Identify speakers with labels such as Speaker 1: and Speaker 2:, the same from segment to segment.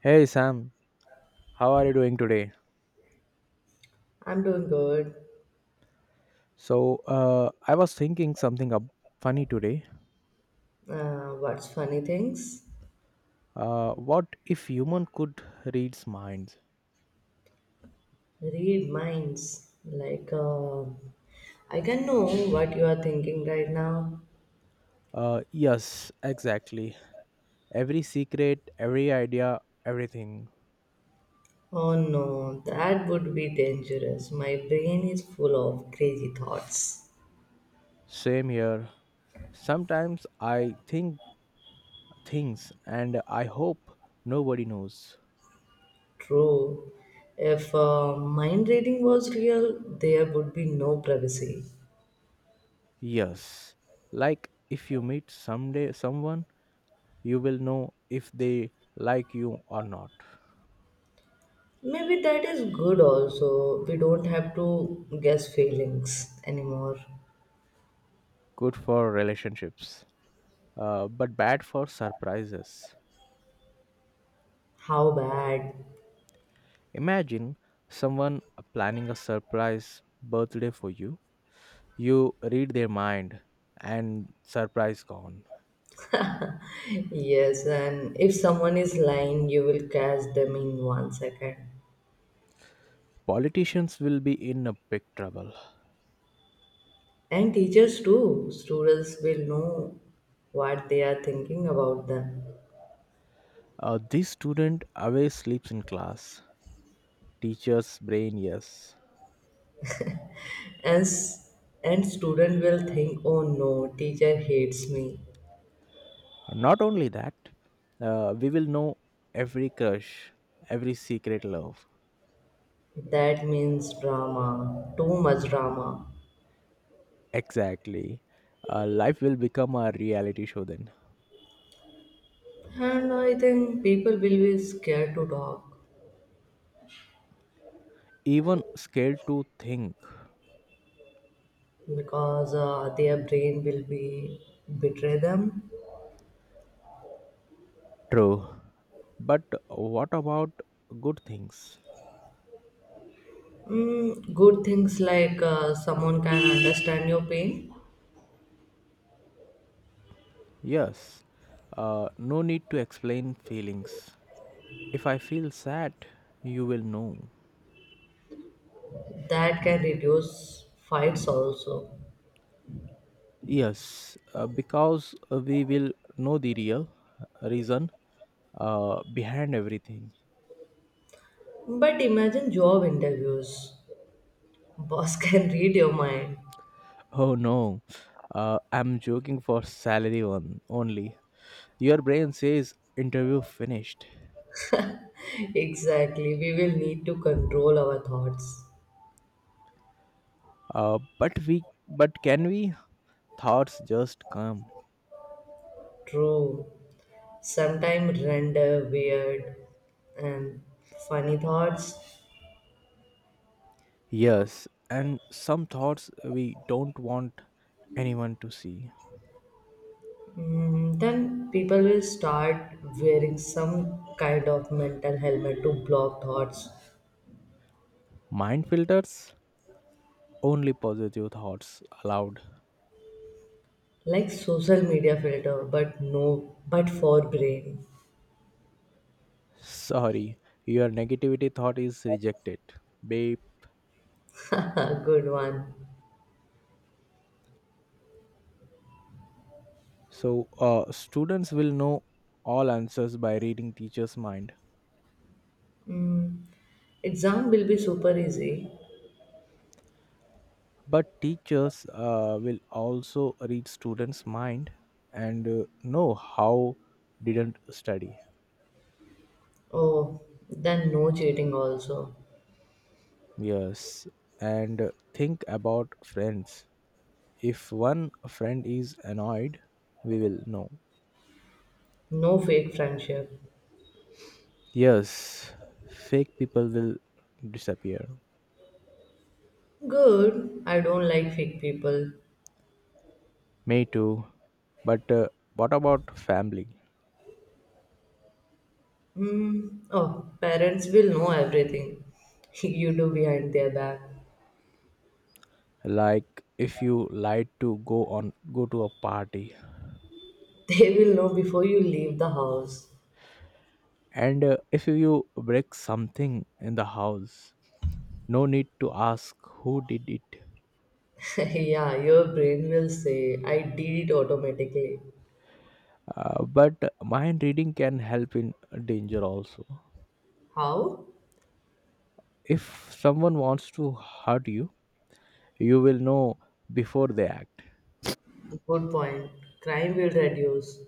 Speaker 1: Hey Sam, how are you doing today?
Speaker 2: I'm doing good.
Speaker 1: So, I was thinking something up funny today.
Speaker 2: What's funny things?
Speaker 1: What if human could read minds?
Speaker 2: Read minds. Like, I can know what you are thinking right now.
Speaker 1: Yes, exactly. Every secret, every idea, everything.
Speaker 2: Oh no, that would be dangerous. My brain is full of crazy thoughts.
Speaker 1: Same here. Sometimes I think things and I hope nobody knows.
Speaker 2: True. If mind reading was real, there would be no privacy.
Speaker 1: Yes. Like if you meet someday someone, you will know if they like you or not.
Speaker 2: Maybe that is good also. We don't have to guess feelings anymore.
Speaker 1: Good for relationships. But bad for surprises.
Speaker 2: How bad?
Speaker 1: Imagine someone planning a surprise birthday for you. You read their mind, and surprise gone.
Speaker 2: Yes, and if someone is lying, you will catch them in 1 second.
Speaker 1: Politicians will be in a big trouble.
Speaker 2: And teachers too. Students will know what they are thinking about them.
Speaker 1: This student always sleeps in class. Teacher's brain, yes.
Speaker 2: And s- and student will think, oh no, teacher hates me.
Speaker 1: Not only that, we will know every crush, every secret love.
Speaker 2: That means drama, too much drama.
Speaker 1: Exactly. Life will become a reality show then.
Speaker 2: And I think people will be scared to talk
Speaker 1: Even scared to think.
Speaker 2: because their brain will be betray them.
Speaker 1: True, but what about good things?
Speaker 2: Mm, good things like someone can understand your pain,
Speaker 1: Yes, no need to explain feelings. If I feel sad, you will know.
Speaker 2: that can reduce fights also.
Speaker 1: Yes, because we will know the real reason behind everything.
Speaker 2: But imagine job interviews. Boss can read your mind.
Speaker 1: Oh no, I'm joking for salary one only. Your brain says interview finished.
Speaker 2: Exactly, we will need to control our thoughts.
Speaker 1: But can we? Thoughts just come.
Speaker 2: True. Sometimes render weird and funny thoughts.
Speaker 1: Yes, and some thoughts we don't want anyone to see.
Speaker 2: Mm, then people will start wearing some kind of mental helmet to block thoughts.
Speaker 1: Mind filters only positive thoughts allowed.
Speaker 2: Like social media filter, but no, but for brain.
Speaker 1: Sorry, your negativity thought is rejected, babe.
Speaker 2: Good one.
Speaker 1: So, students will know all answers by reading teacher's mind,
Speaker 2: Mm, exam will be super easy.
Speaker 1: but teachers will also read students' mind and know how didn't study.
Speaker 2: Oh, then no cheating also.
Speaker 1: Yes, and think about friends. If one friend is annoyed, we will know.
Speaker 2: No fake friendship.
Speaker 1: Yes, fake people will disappear.
Speaker 2: Good. I don't like fake people.
Speaker 1: Me too. But what about family?
Speaker 2: Mm, oh, parents will know everything you do behind their back.
Speaker 1: Like if you lied to go to a party
Speaker 2: They will know before you leave the house.
Speaker 1: and if you break something in the house, no need to ask who did it.
Speaker 2: Yeah, your brain will say, I did it automatically.
Speaker 1: But mind reading can help in danger also.
Speaker 2: How?
Speaker 1: If someone wants to hurt you, you will know before they act.
Speaker 2: Good point. Crime will reduce.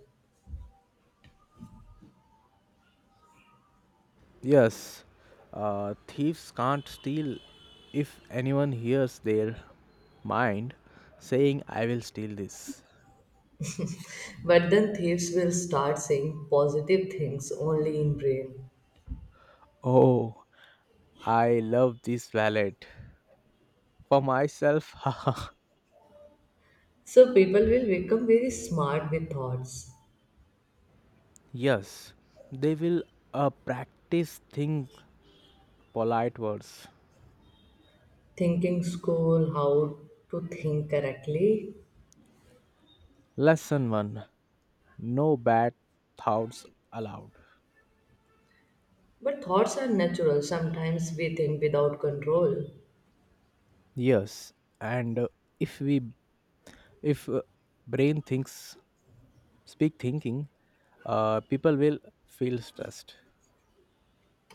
Speaker 1: Yes, thieves can't steal if anyone hears their mind saying, I will steal this.
Speaker 2: But then thieves will start saying positive things only in brain.
Speaker 1: Oh, I love this wallet. For myself, haha.
Speaker 2: So people will become very smart with thoughts,
Speaker 1: Yes, they will practice think polite words.
Speaker 2: thinking school how to think correctly.
Speaker 1: Lesson 1. No bad thoughts allowed.
Speaker 2: But thoughts are natural. Sometimes we think without control,
Speaker 1: Yes, and if we if brain thinks speak thinking, people will feel stressed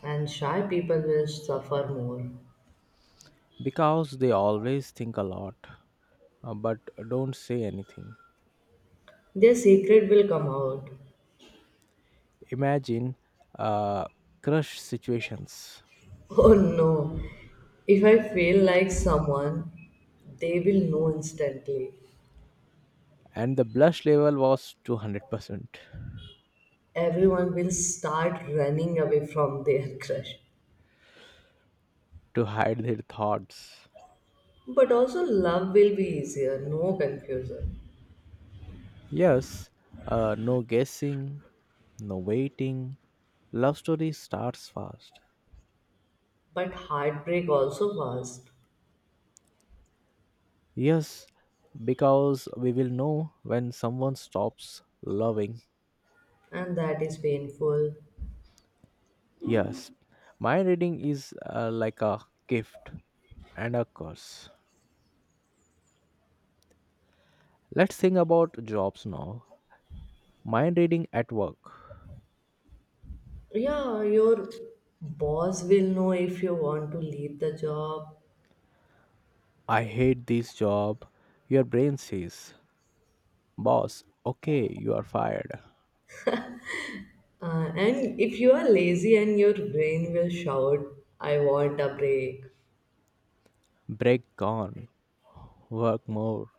Speaker 2: and shy people will suffer more.
Speaker 1: because they always think a lot but don't say anything.
Speaker 2: Their secret will come out.
Speaker 1: Imagine uh, crush situations,
Speaker 2: Oh no, if I feel like someone, they will know instantly.
Speaker 1: and the blush level was 200%
Speaker 2: Everyone will start running away from their crush.
Speaker 1: to hide their thoughts.
Speaker 2: But also, love will be easier, no confusion.
Speaker 1: Yes, no guessing, no waiting. Love story starts fast.
Speaker 2: But heartbreak also fast,
Speaker 1: Yes, because we will know when someone stops loving.
Speaker 2: and that is painful.
Speaker 1: Yes, mind reading is like a gift and a curse. Let's think about jobs now. Mind reading at work.
Speaker 2: Yeah, your boss will know if you want to leave the job.
Speaker 1: I hate this job. Your brain says, Boss, okay, you are fired.
Speaker 2: And if you are lazy and your brain will shout, I want a break.
Speaker 1: Break gone. Work more.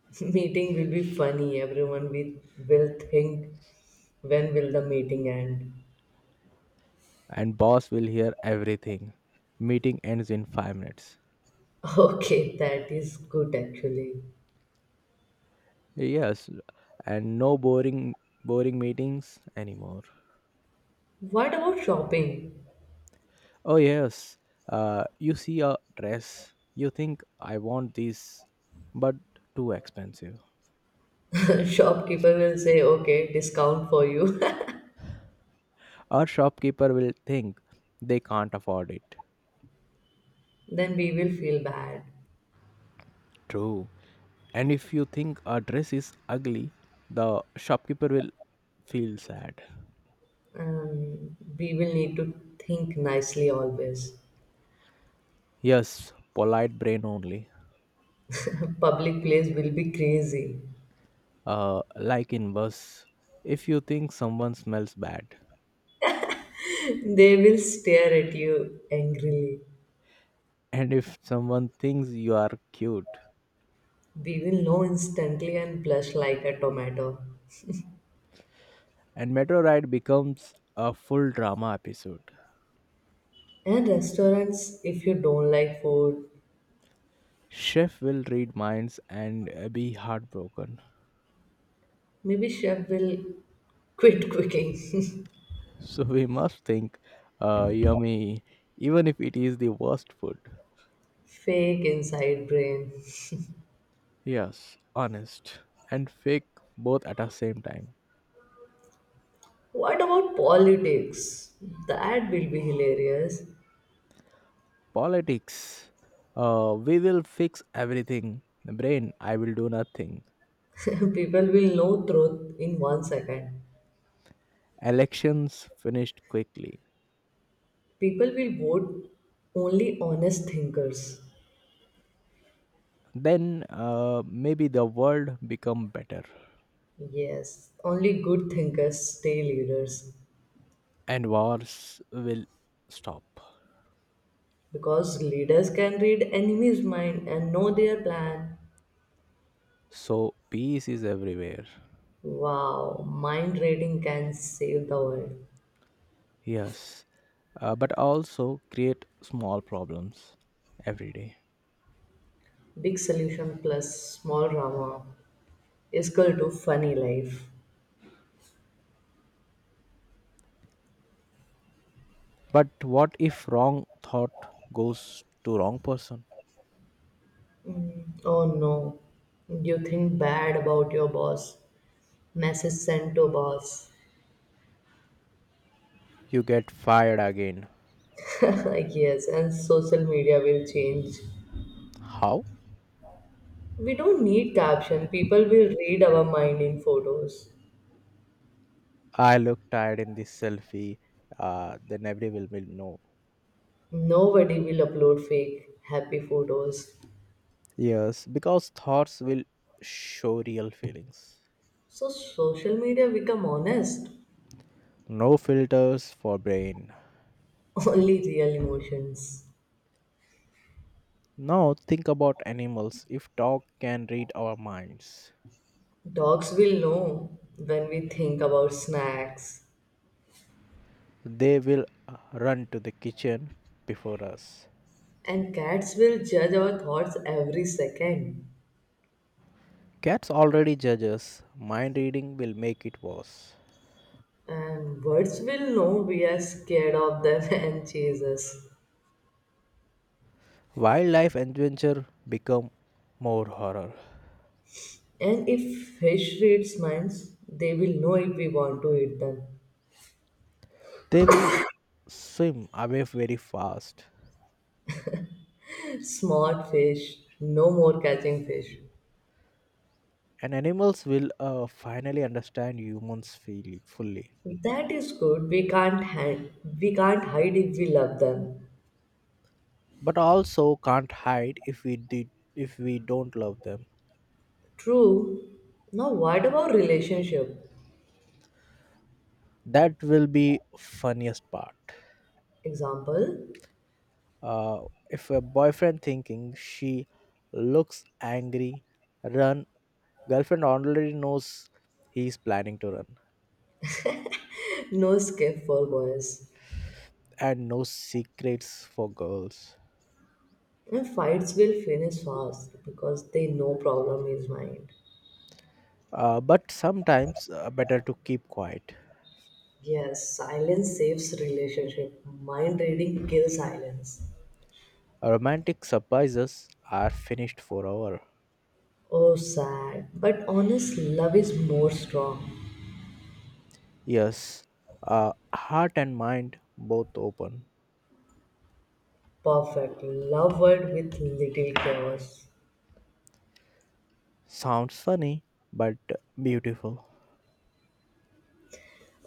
Speaker 2: Meeting will be funny. Everyone will think, when will the meeting end?
Speaker 1: And boss will hear everything. Meeting ends in 5 minutes.
Speaker 2: Okay, that is good actually.
Speaker 1: Yes, and no boring meetings anymore.
Speaker 2: What about shopping?
Speaker 1: Oh yes, you see a dress, you think I want this, but too expensive.
Speaker 2: Shopkeeper will say, okay, discount for you.
Speaker 1: Our shopkeeper will think they can't afford it.
Speaker 2: Then we will feel bad.
Speaker 1: True. And if you think a dress is ugly, the shopkeeper will feel sad.
Speaker 2: We will need to think nicely always.
Speaker 1: Yes, polite brain only.
Speaker 2: Public place will be crazy.
Speaker 1: Like in bus, if you think someone smells bad,
Speaker 2: They will stare at you angrily.
Speaker 1: and if someone thinks you are cute,
Speaker 2: We will know instantly and blush like a tomato.
Speaker 1: and metro ride becomes a full drama episode.
Speaker 2: And restaurants, if you don't like food,
Speaker 1: Chef will read minds and be heartbroken.
Speaker 2: maybe chef will quit cooking.
Speaker 1: So we must think yummy, even if it is the worst food.
Speaker 2: Fake inside brain.
Speaker 1: Yes, honest and fake both at the same time.
Speaker 2: What about politics? That will be hilarious.
Speaker 1: Politics. We will fix everything. The brain, I will do nothing.
Speaker 2: People will know truth in 1 second.
Speaker 1: Elections finished quickly.
Speaker 2: People will vote only honest thinkers.
Speaker 1: Then maybe the world become better
Speaker 2: Yes, only good thinkers stay leaders.
Speaker 1: and wars will stop.
Speaker 2: Because leaders can read enemy's mind and know their plan.
Speaker 1: So peace is everywhere.
Speaker 2: Wow, mind reading can save the world.
Speaker 1: Yes, but also create small problems every day.
Speaker 2: Big solution plus small drama is equal to funny life.
Speaker 1: But what if wrong thought goes to wrong person?
Speaker 2: Oh no, you think bad about your boss, message sent to boss.
Speaker 1: You get fired again.
Speaker 2: Yes, and social media will change.
Speaker 1: How?
Speaker 2: We don't need caption, people will read our mind in photos.
Speaker 1: I look tired in this selfie. Then everyone will know.
Speaker 2: Nobody will upload fake happy photos.
Speaker 1: Yes, because thoughts will show real feelings.
Speaker 2: So social media become honest.
Speaker 1: No filters for brain.
Speaker 2: Only real emotions.
Speaker 1: Now think about animals. If dog can read our minds,
Speaker 2: Dogs will know when we think about snacks
Speaker 1: they will run to the kitchen before us.
Speaker 2: and cats will judge our thoughts every second
Speaker 1: Cats already judge us. Mind reading will make it worse.
Speaker 2: and birds will know we are scared of them and chase us.
Speaker 1: Wildlife adventure become more horror.
Speaker 2: And if fish reads minds, they will know if we want to eat them.
Speaker 1: They will swim away very fast,
Speaker 2: Smart fish, no more catching fish.
Speaker 1: and animals will finally understand humans feel fully.
Speaker 2: That is good. We can't hide. We can't hide if we love them.
Speaker 1: But also can't hide if we don't love them.
Speaker 2: True. Now, what about relationship?
Speaker 1: That will be funniest part.
Speaker 2: Example:
Speaker 1: Uh, if a boyfriend thinking she looks angry, run. Girlfriend already knows he's planning to run
Speaker 2: No skip for boys.
Speaker 1: and no secrets for girls.
Speaker 2: And fights will finish fast because they know problem is mind.
Speaker 1: But sometimes better to keep quiet.
Speaker 2: Yes, silence saves relationship. Mind reading kills silence.
Speaker 1: Romantic surprises are finished forever.
Speaker 2: Oh, sad. But honest love is more strong.
Speaker 1: Yes, heart and mind both open.
Speaker 2: Perfect. Love word with little chaos.
Speaker 1: Sounds funny, but beautiful.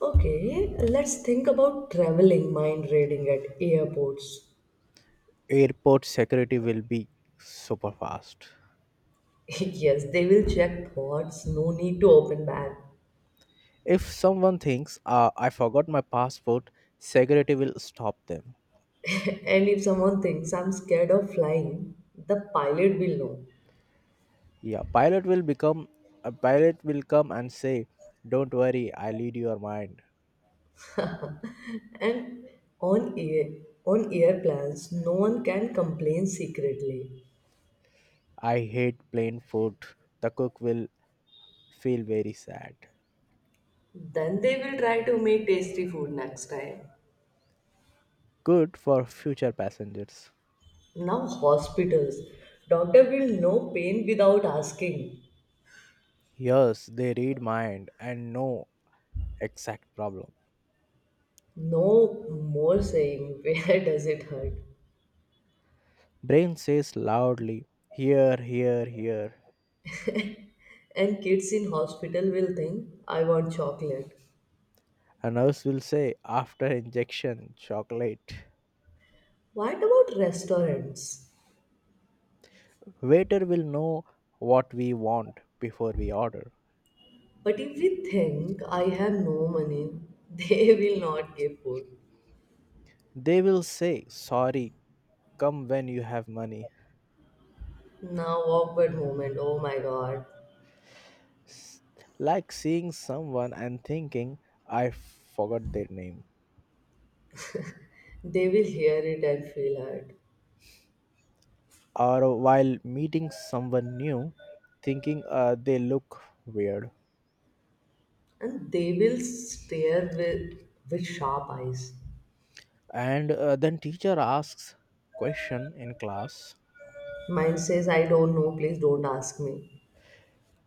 Speaker 2: Okay, let's think about traveling mind reading at airports.
Speaker 1: Airport security will be super fast.
Speaker 2: Yes, they will check thoughts, no need to open bag.
Speaker 1: If someone thinks, I forgot my passport, security will stop them.
Speaker 2: And if someone thinks I'm scared of flying, the pilot will know.
Speaker 1: Yeah, pilot will come and say, "Don't worry, I lead your mind."
Speaker 2: And on air on airplanes, no one can complain secretly.
Speaker 1: I hate plain food. The cook will feel very sad.
Speaker 2: Then they will try to make tasty food next time.
Speaker 1: Good for future passengers.
Speaker 2: Now hospitals, doctor will know pain without asking.
Speaker 1: Yes, they read mind and know exact problem.
Speaker 2: No more saying where does it hurt.
Speaker 1: Brain says loudly, "Here, here, here."
Speaker 2: And kids in hospital will think I want chocolate.
Speaker 1: A nurse will say, "After injection, chocolate."
Speaker 2: What about restaurants?
Speaker 1: Waiter will know what we want before we order.
Speaker 2: But if we think I have no money, they will not give food.
Speaker 1: They will say, "Sorry, come when you have money."
Speaker 2: Now awkward moment. Oh my god.
Speaker 1: S- Like seeing someone and thinking, I forgot their name.
Speaker 2: They will hear it and feel hurt.
Speaker 1: Or while meeting someone new, thinking they look weird.
Speaker 2: And they will stare with sharp eyes.
Speaker 1: And then teacher asks question in class.
Speaker 2: Mine says I don't know, please don't ask me.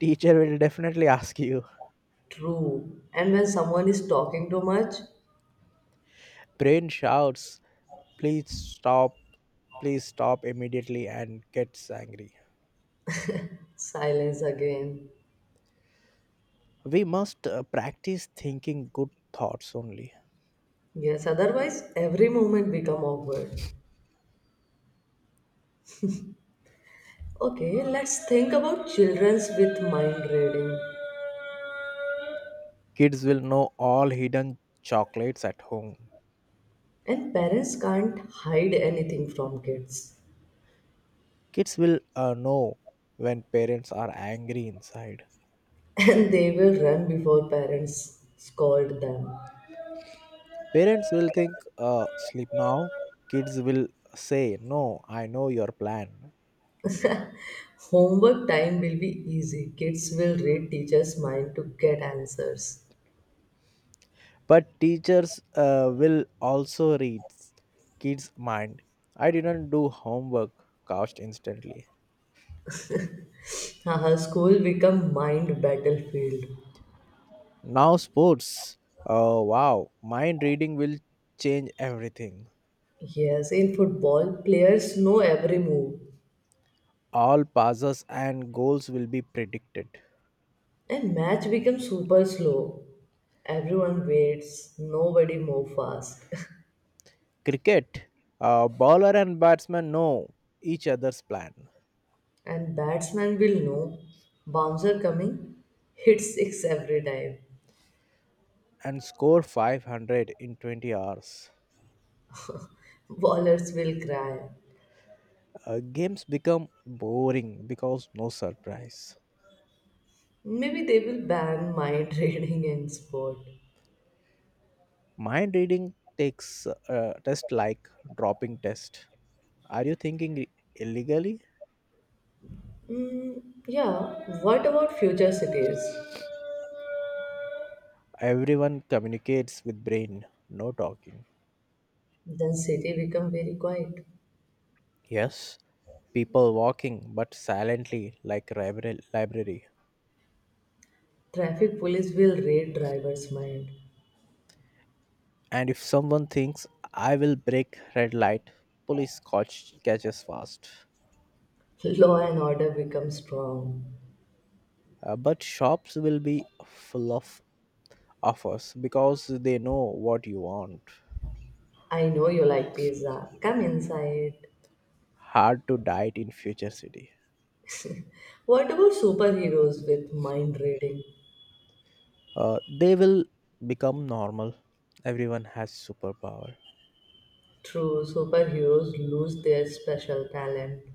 Speaker 1: Teacher will definitely ask you.
Speaker 2: True. And when someone is talking too much,
Speaker 1: Brain shouts, please stop, please stop immediately and gets angry.
Speaker 2: silence again.
Speaker 1: We must practice thinking good thoughts only.
Speaker 2: Yes, otherwise every moment become awkward. Okay, let's think about children's with mind reading.
Speaker 1: Kids will know all hidden chocolates at home.
Speaker 2: And parents can't hide anything from kids.
Speaker 1: Kids will know when parents are angry inside.
Speaker 2: And they will run before parents scold them.
Speaker 1: Parents will think, sleep now. Kids will say, no, I know your plan.
Speaker 2: Homework time will be easy. Kids will read teacher's mind to get answers.
Speaker 1: But teachers will also read kids' mind. I didn't do homework, couched instantly.
Speaker 2: Haha, school become mind battlefield.
Speaker 1: Now, sports. Oh, wow. Mind reading will change everything.
Speaker 2: Yes, in football, players know every move.
Speaker 1: All passes and goals will be predicted.
Speaker 2: And match becomes super slow. Everyone waits, nobody move fast.
Speaker 1: Cricket, a bowler and batsman know each other's plan
Speaker 2: And batsman will know bouncer coming, hit six every time.
Speaker 1: and score 500 in 20 hours.
Speaker 2: Ballers will cry.
Speaker 1: Games become boring because no surprise.
Speaker 2: Maybe they will ban mind reading in sport.
Speaker 1: Mind reading takes a test like dropping test. Are you thinking illegally?
Speaker 2: Mm, yeah, what about future cities?
Speaker 1: Everyone communicates with brain, no talking.
Speaker 2: Then city become very quiet.
Speaker 1: Yes, people walking but silently like library.
Speaker 2: Traffic police will read driver's mind.
Speaker 1: And if someone thinks I will break red light, police catches fast.
Speaker 2: Law and order become strong.
Speaker 1: But shops will be full of offers because they know what you want.
Speaker 2: I know you like pizza. Come inside.
Speaker 1: Hard to diet in future city.
Speaker 2: What about superheroes with mind reading?
Speaker 1: They will become normal. Everyone has superpower.
Speaker 2: True, superheroes lose their special talent.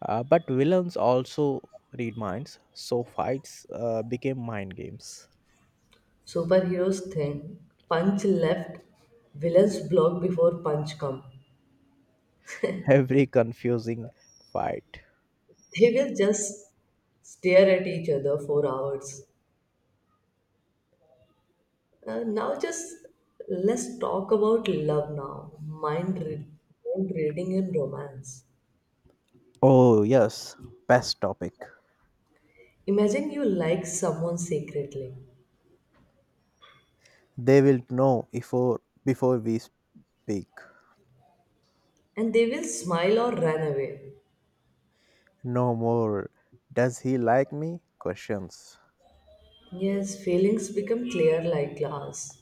Speaker 1: But villains also read minds, so fights became mind games.
Speaker 2: Superheroes think punch left, villains block before punch come.
Speaker 1: Every confusing fight.
Speaker 2: They will just stare at each other for hours. Now, just Let's talk about love now. Mind reading in romance.
Speaker 1: Oh yes, best topic.
Speaker 2: Imagine you like someone secretly,
Speaker 1: They will know before we speak.
Speaker 2: and they will smile or run away.
Speaker 1: No more. Does he like me? Questions.
Speaker 2: Yes, feelings become clear like glass.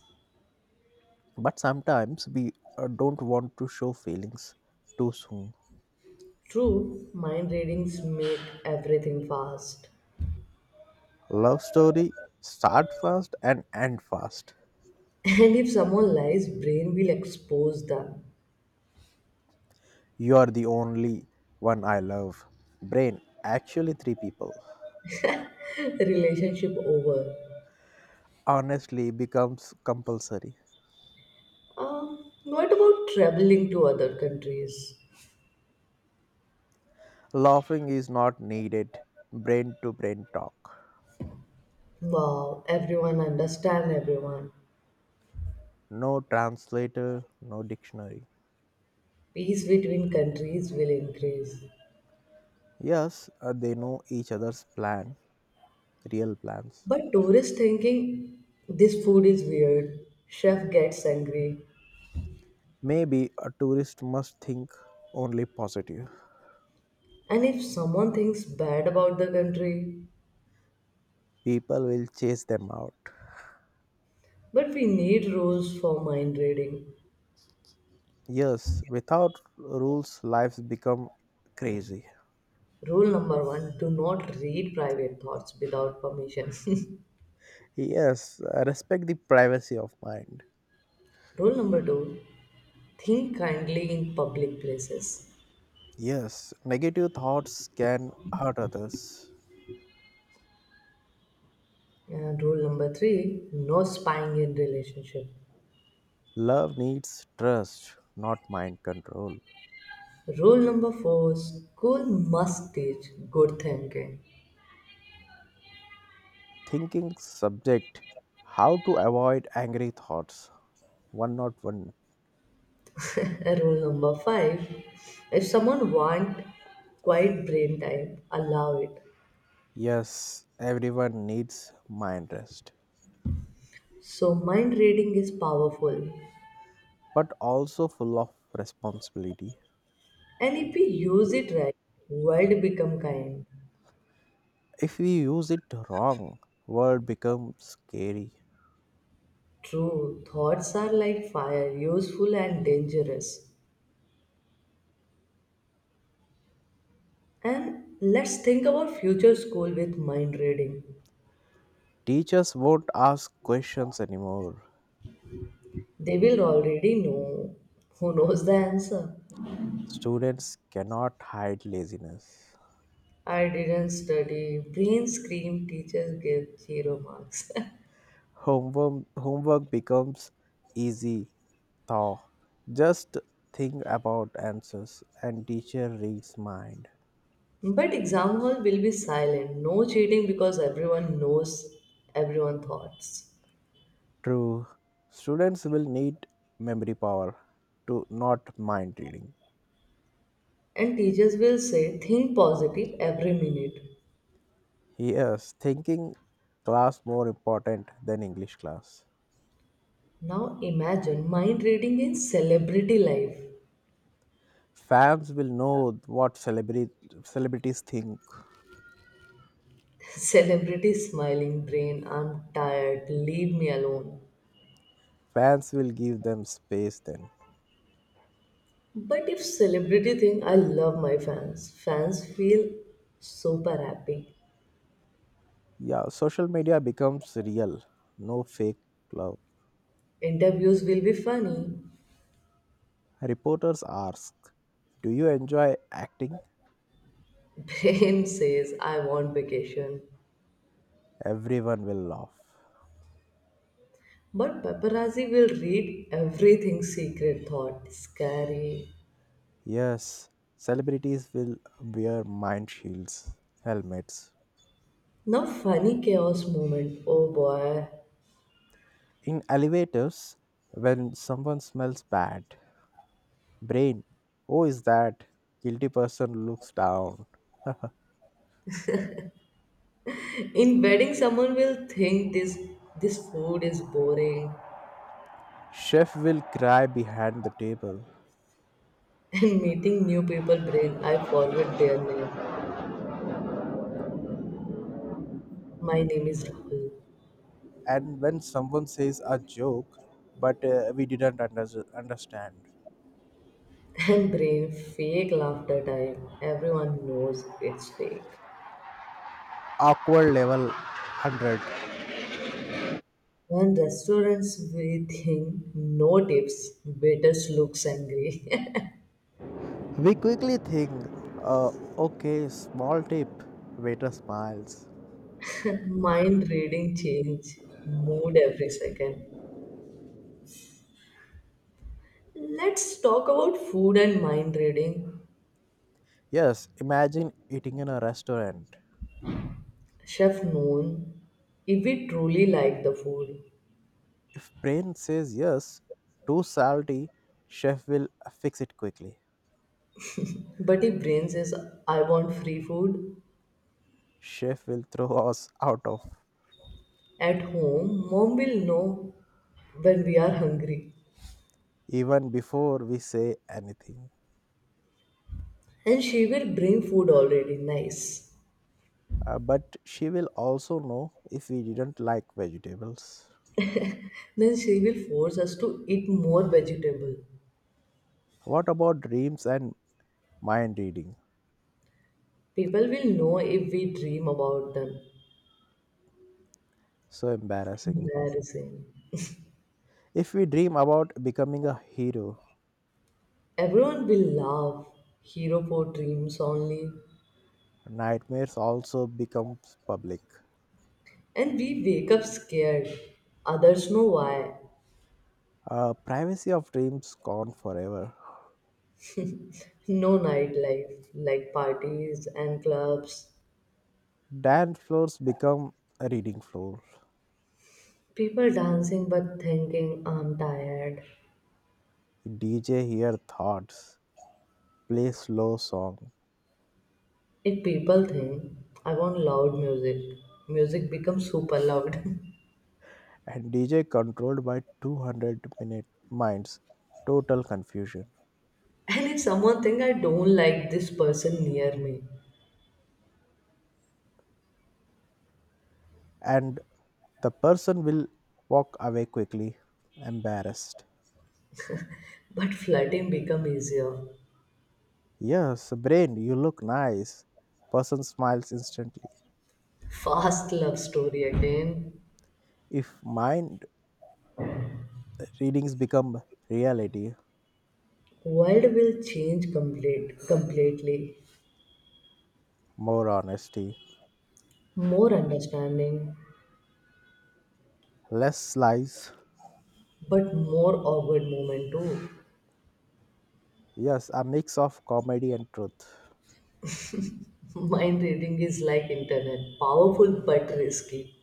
Speaker 1: But sometimes we don't want to show feelings too soon.
Speaker 2: True, mind readings make everything fast.
Speaker 1: Love story start fast and end fast.
Speaker 2: And if someone lies, brain will expose them.
Speaker 1: You are the only one I love. Brain actually three people.
Speaker 2: Relationship over.
Speaker 1: Honestly becomes compulsory.
Speaker 2: What about traveling to other countries?
Speaker 1: Laughing is not needed. Brain to brain talk.
Speaker 2: Wow, everyone understand everyone.
Speaker 1: No translator, no dictionary.
Speaker 2: Peace between countries will increase.
Speaker 1: Yes, they know each other's plan, real plans.
Speaker 2: But tourists thinking this food is weird, chef gets angry,
Speaker 1: Maybe a tourist must think only positive.
Speaker 2: and if someone thinks bad about the country,
Speaker 1: People will chase them out.
Speaker 2: but we need rules for mind reading.
Speaker 1: Yes, without rules, lives become crazy.
Speaker 2: Rule number one, do not read private thoughts without permission.
Speaker 1: Yes, I respect the privacy of mind.
Speaker 2: Rule number two, think kindly in public places.
Speaker 1: Yes, negative thoughts can hurt others.
Speaker 2: And rule number three, no spying in relationship.
Speaker 1: Love needs trust, not mind control.
Speaker 2: Rule number four, school must teach good thinking.
Speaker 1: Thinking subject. How to avoid angry thoughts. 101.
Speaker 2: Rule number five, if someone wants quiet brain time, allow it.
Speaker 1: Yes, everyone needs mind rest,
Speaker 2: So, mind reading is powerful,
Speaker 1: but also full of responsibility.
Speaker 2: and if we use it right, world become kind.
Speaker 1: If we use it wrong, world becomes scary.
Speaker 2: True, thoughts are like fire, useful and dangerous. And let's think about future school with mind reading.
Speaker 1: Teachers won't ask questions anymore.
Speaker 2: They will already know who knows the answer.
Speaker 1: Students cannot hide laziness.
Speaker 2: I didn't study. Brain scream teachers give zero marks.
Speaker 1: Homework becomes easy though. Just think about answers and teacher reads mind.
Speaker 2: But exam hall will be silent. No cheating because everyone knows everyone thoughts.
Speaker 1: True, students will need memory power to not mind reading.
Speaker 2: And teachers will say think positive every minute.
Speaker 1: Yes, thinking class more important than English class.
Speaker 2: Now imagine mind reading in celebrity life.
Speaker 1: Fans will know what celebrity celebrities think.
Speaker 2: Celebrity smiling brain, I'm tired, leave me alone.
Speaker 1: Fans will give them space then.
Speaker 2: But if celebrity think I love my fans, fans feel super happy.
Speaker 1: Yeah, social media becomes real, no fake love.
Speaker 2: Interviews will be funny.
Speaker 1: Reporters ask, "Do you enjoy acting?"
Speaker 2: Brain says I want vacation.
Speaker 1: Everyone will laugh.
Speaker 2: But paparazzi will read everything secret thought. Scary.
Speaker 1: Yes, celebrities will wear mind shields, helmets.
Speaker 2: Now funny chaos moment. Oh boy.
Speaker 1: In elevators, when someone smells bad, Brain, oh, is that? Guilty person looks down.
Speaker 2: In wedding, someone will think this food is boring,
Speaker 1: Chef will cry behind the table.
Speaker 2: and meeting new people brain. I forget their name. My name is Rahul,
Speaker 1: And when someone says a joke, but we didn't understand.
Speaker 2: and brain fake laughter time. Everyone knows it's fake.
Speaker 1: Awkward level 100.
Speaker 2: When restaurants we think no tips, waiters looks angry.
Speaker 1: We quickly think, uh, okay, small tip. Waiter smiles.
Speaker 2: Mind reading change mood every second. Let's talk about food and mind reading.
Speaker 1: Yes, imagine eating in a restaurant.
Speaker 2: Chef Noon, if we truly like the food,
Speaker 1: If brain says yes, too salty, chef will fix it quickly.
Speaker 2: but if brain says, I want free food
Speaker 1: Chef will throw us out of
Speaker 2: at home, mom will know when we are hungry.
Speaker 1: even before we say anything.
Speaker 2: And she will bring food already, nice.
Speaker 1: But she will also know if we didn't like vegetables.
Speaker 2: Then she will force us to eat more vegetable.
Speaker 1: What about dreams and mind reading?
Speaker 2: People will know if we dream about them.
Speaker 1: So embarrassing.
Speaker 2: Embarrassing.
Speaker 1: If we dream about becoming a hero,
Speaker 2: Everyone will laugh. Hero for dreams only.
Speaker 1: nightmares also becomes public.
Speaker 2: And we wake up scared. Others know why.
Speaker 1: Privacy of dreams gone forever.
Speaker 2: No nightlife like parties and clubs.
Speaker 1: Dance floors become a reading floor.
Speaker 2: People dancing but thinking I'm tired.
Speaker 1: DJ hear thoughts, play slow song,
Speaker 2: If people think I want loud music, music becomes super loud. And
Speaker 1: and DJ controlled by 200 minute minds, total confusion.
Speaker 2: if someone think I don't like this person near me,
Speaker 1: And the person will walk away quickly, embarrassed.
Speaker 2: but flirting become easier.
Speaker 1: Yes, brain, you look nice. Person smiles instantly.
Speaker 2: Fast love story again.
Speaker 1: If mind readings become reality,
Speaker 2: World will change completely.
Speaker 1: more honesty,
Speaker 2: More understanding,
Speaker 1: less lies.
Speaker 2: but more awkward moment too.
Speaker 1: Yes, a mix of comedy and truth.
Speaker 2: Mind reading is like internet, powerful but risky.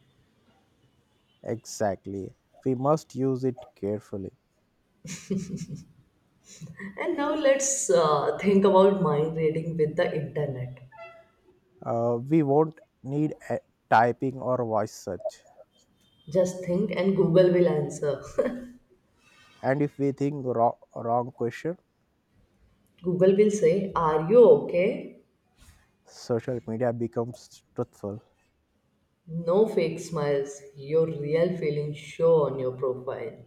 Speaker 1: Exactly. We must use it carefully.
Speaker 2: And now let's think about mind reading with the internet.
Speaker 1: We won't need a typing or voice search.
Speaker 2: Just think, and Google will answer.
Speaker 1: And if we think wrong, wrong question,
Speaker 2: Google will say, are you okay?
Speaker 1: social media becomes truthful.
Speaker 2: No fake smiles, your real feelings show on your profile.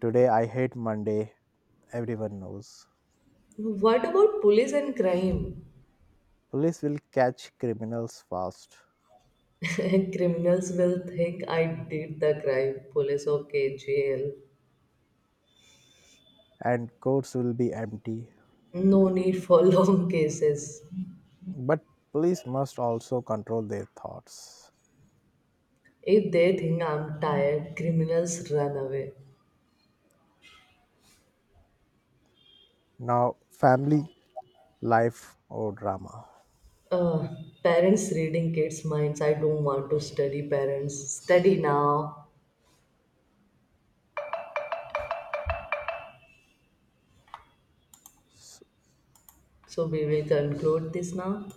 Speaker 1: Today I hate Monday, everyone knows.
Speaker 2: What about police and crime?
Speaker 1: Police will catch criminals fast
Speaker 2: Criminals will think I did the crime. Police, okay, jail.
Speaker 1: and courts will be empty.
Speaker 2: No need for long cases.
Speaker 1: But police must also control their thoughts.
Speaker 2: If they think I'm tired, criminals run away.
Speaker 1: Now, family life or drama.
Speaker 2: Uh, parents reading kids' minds. I don't want to study parents. Study now.
Speaker 1: S-
Speaker 2: So we will conclude this now.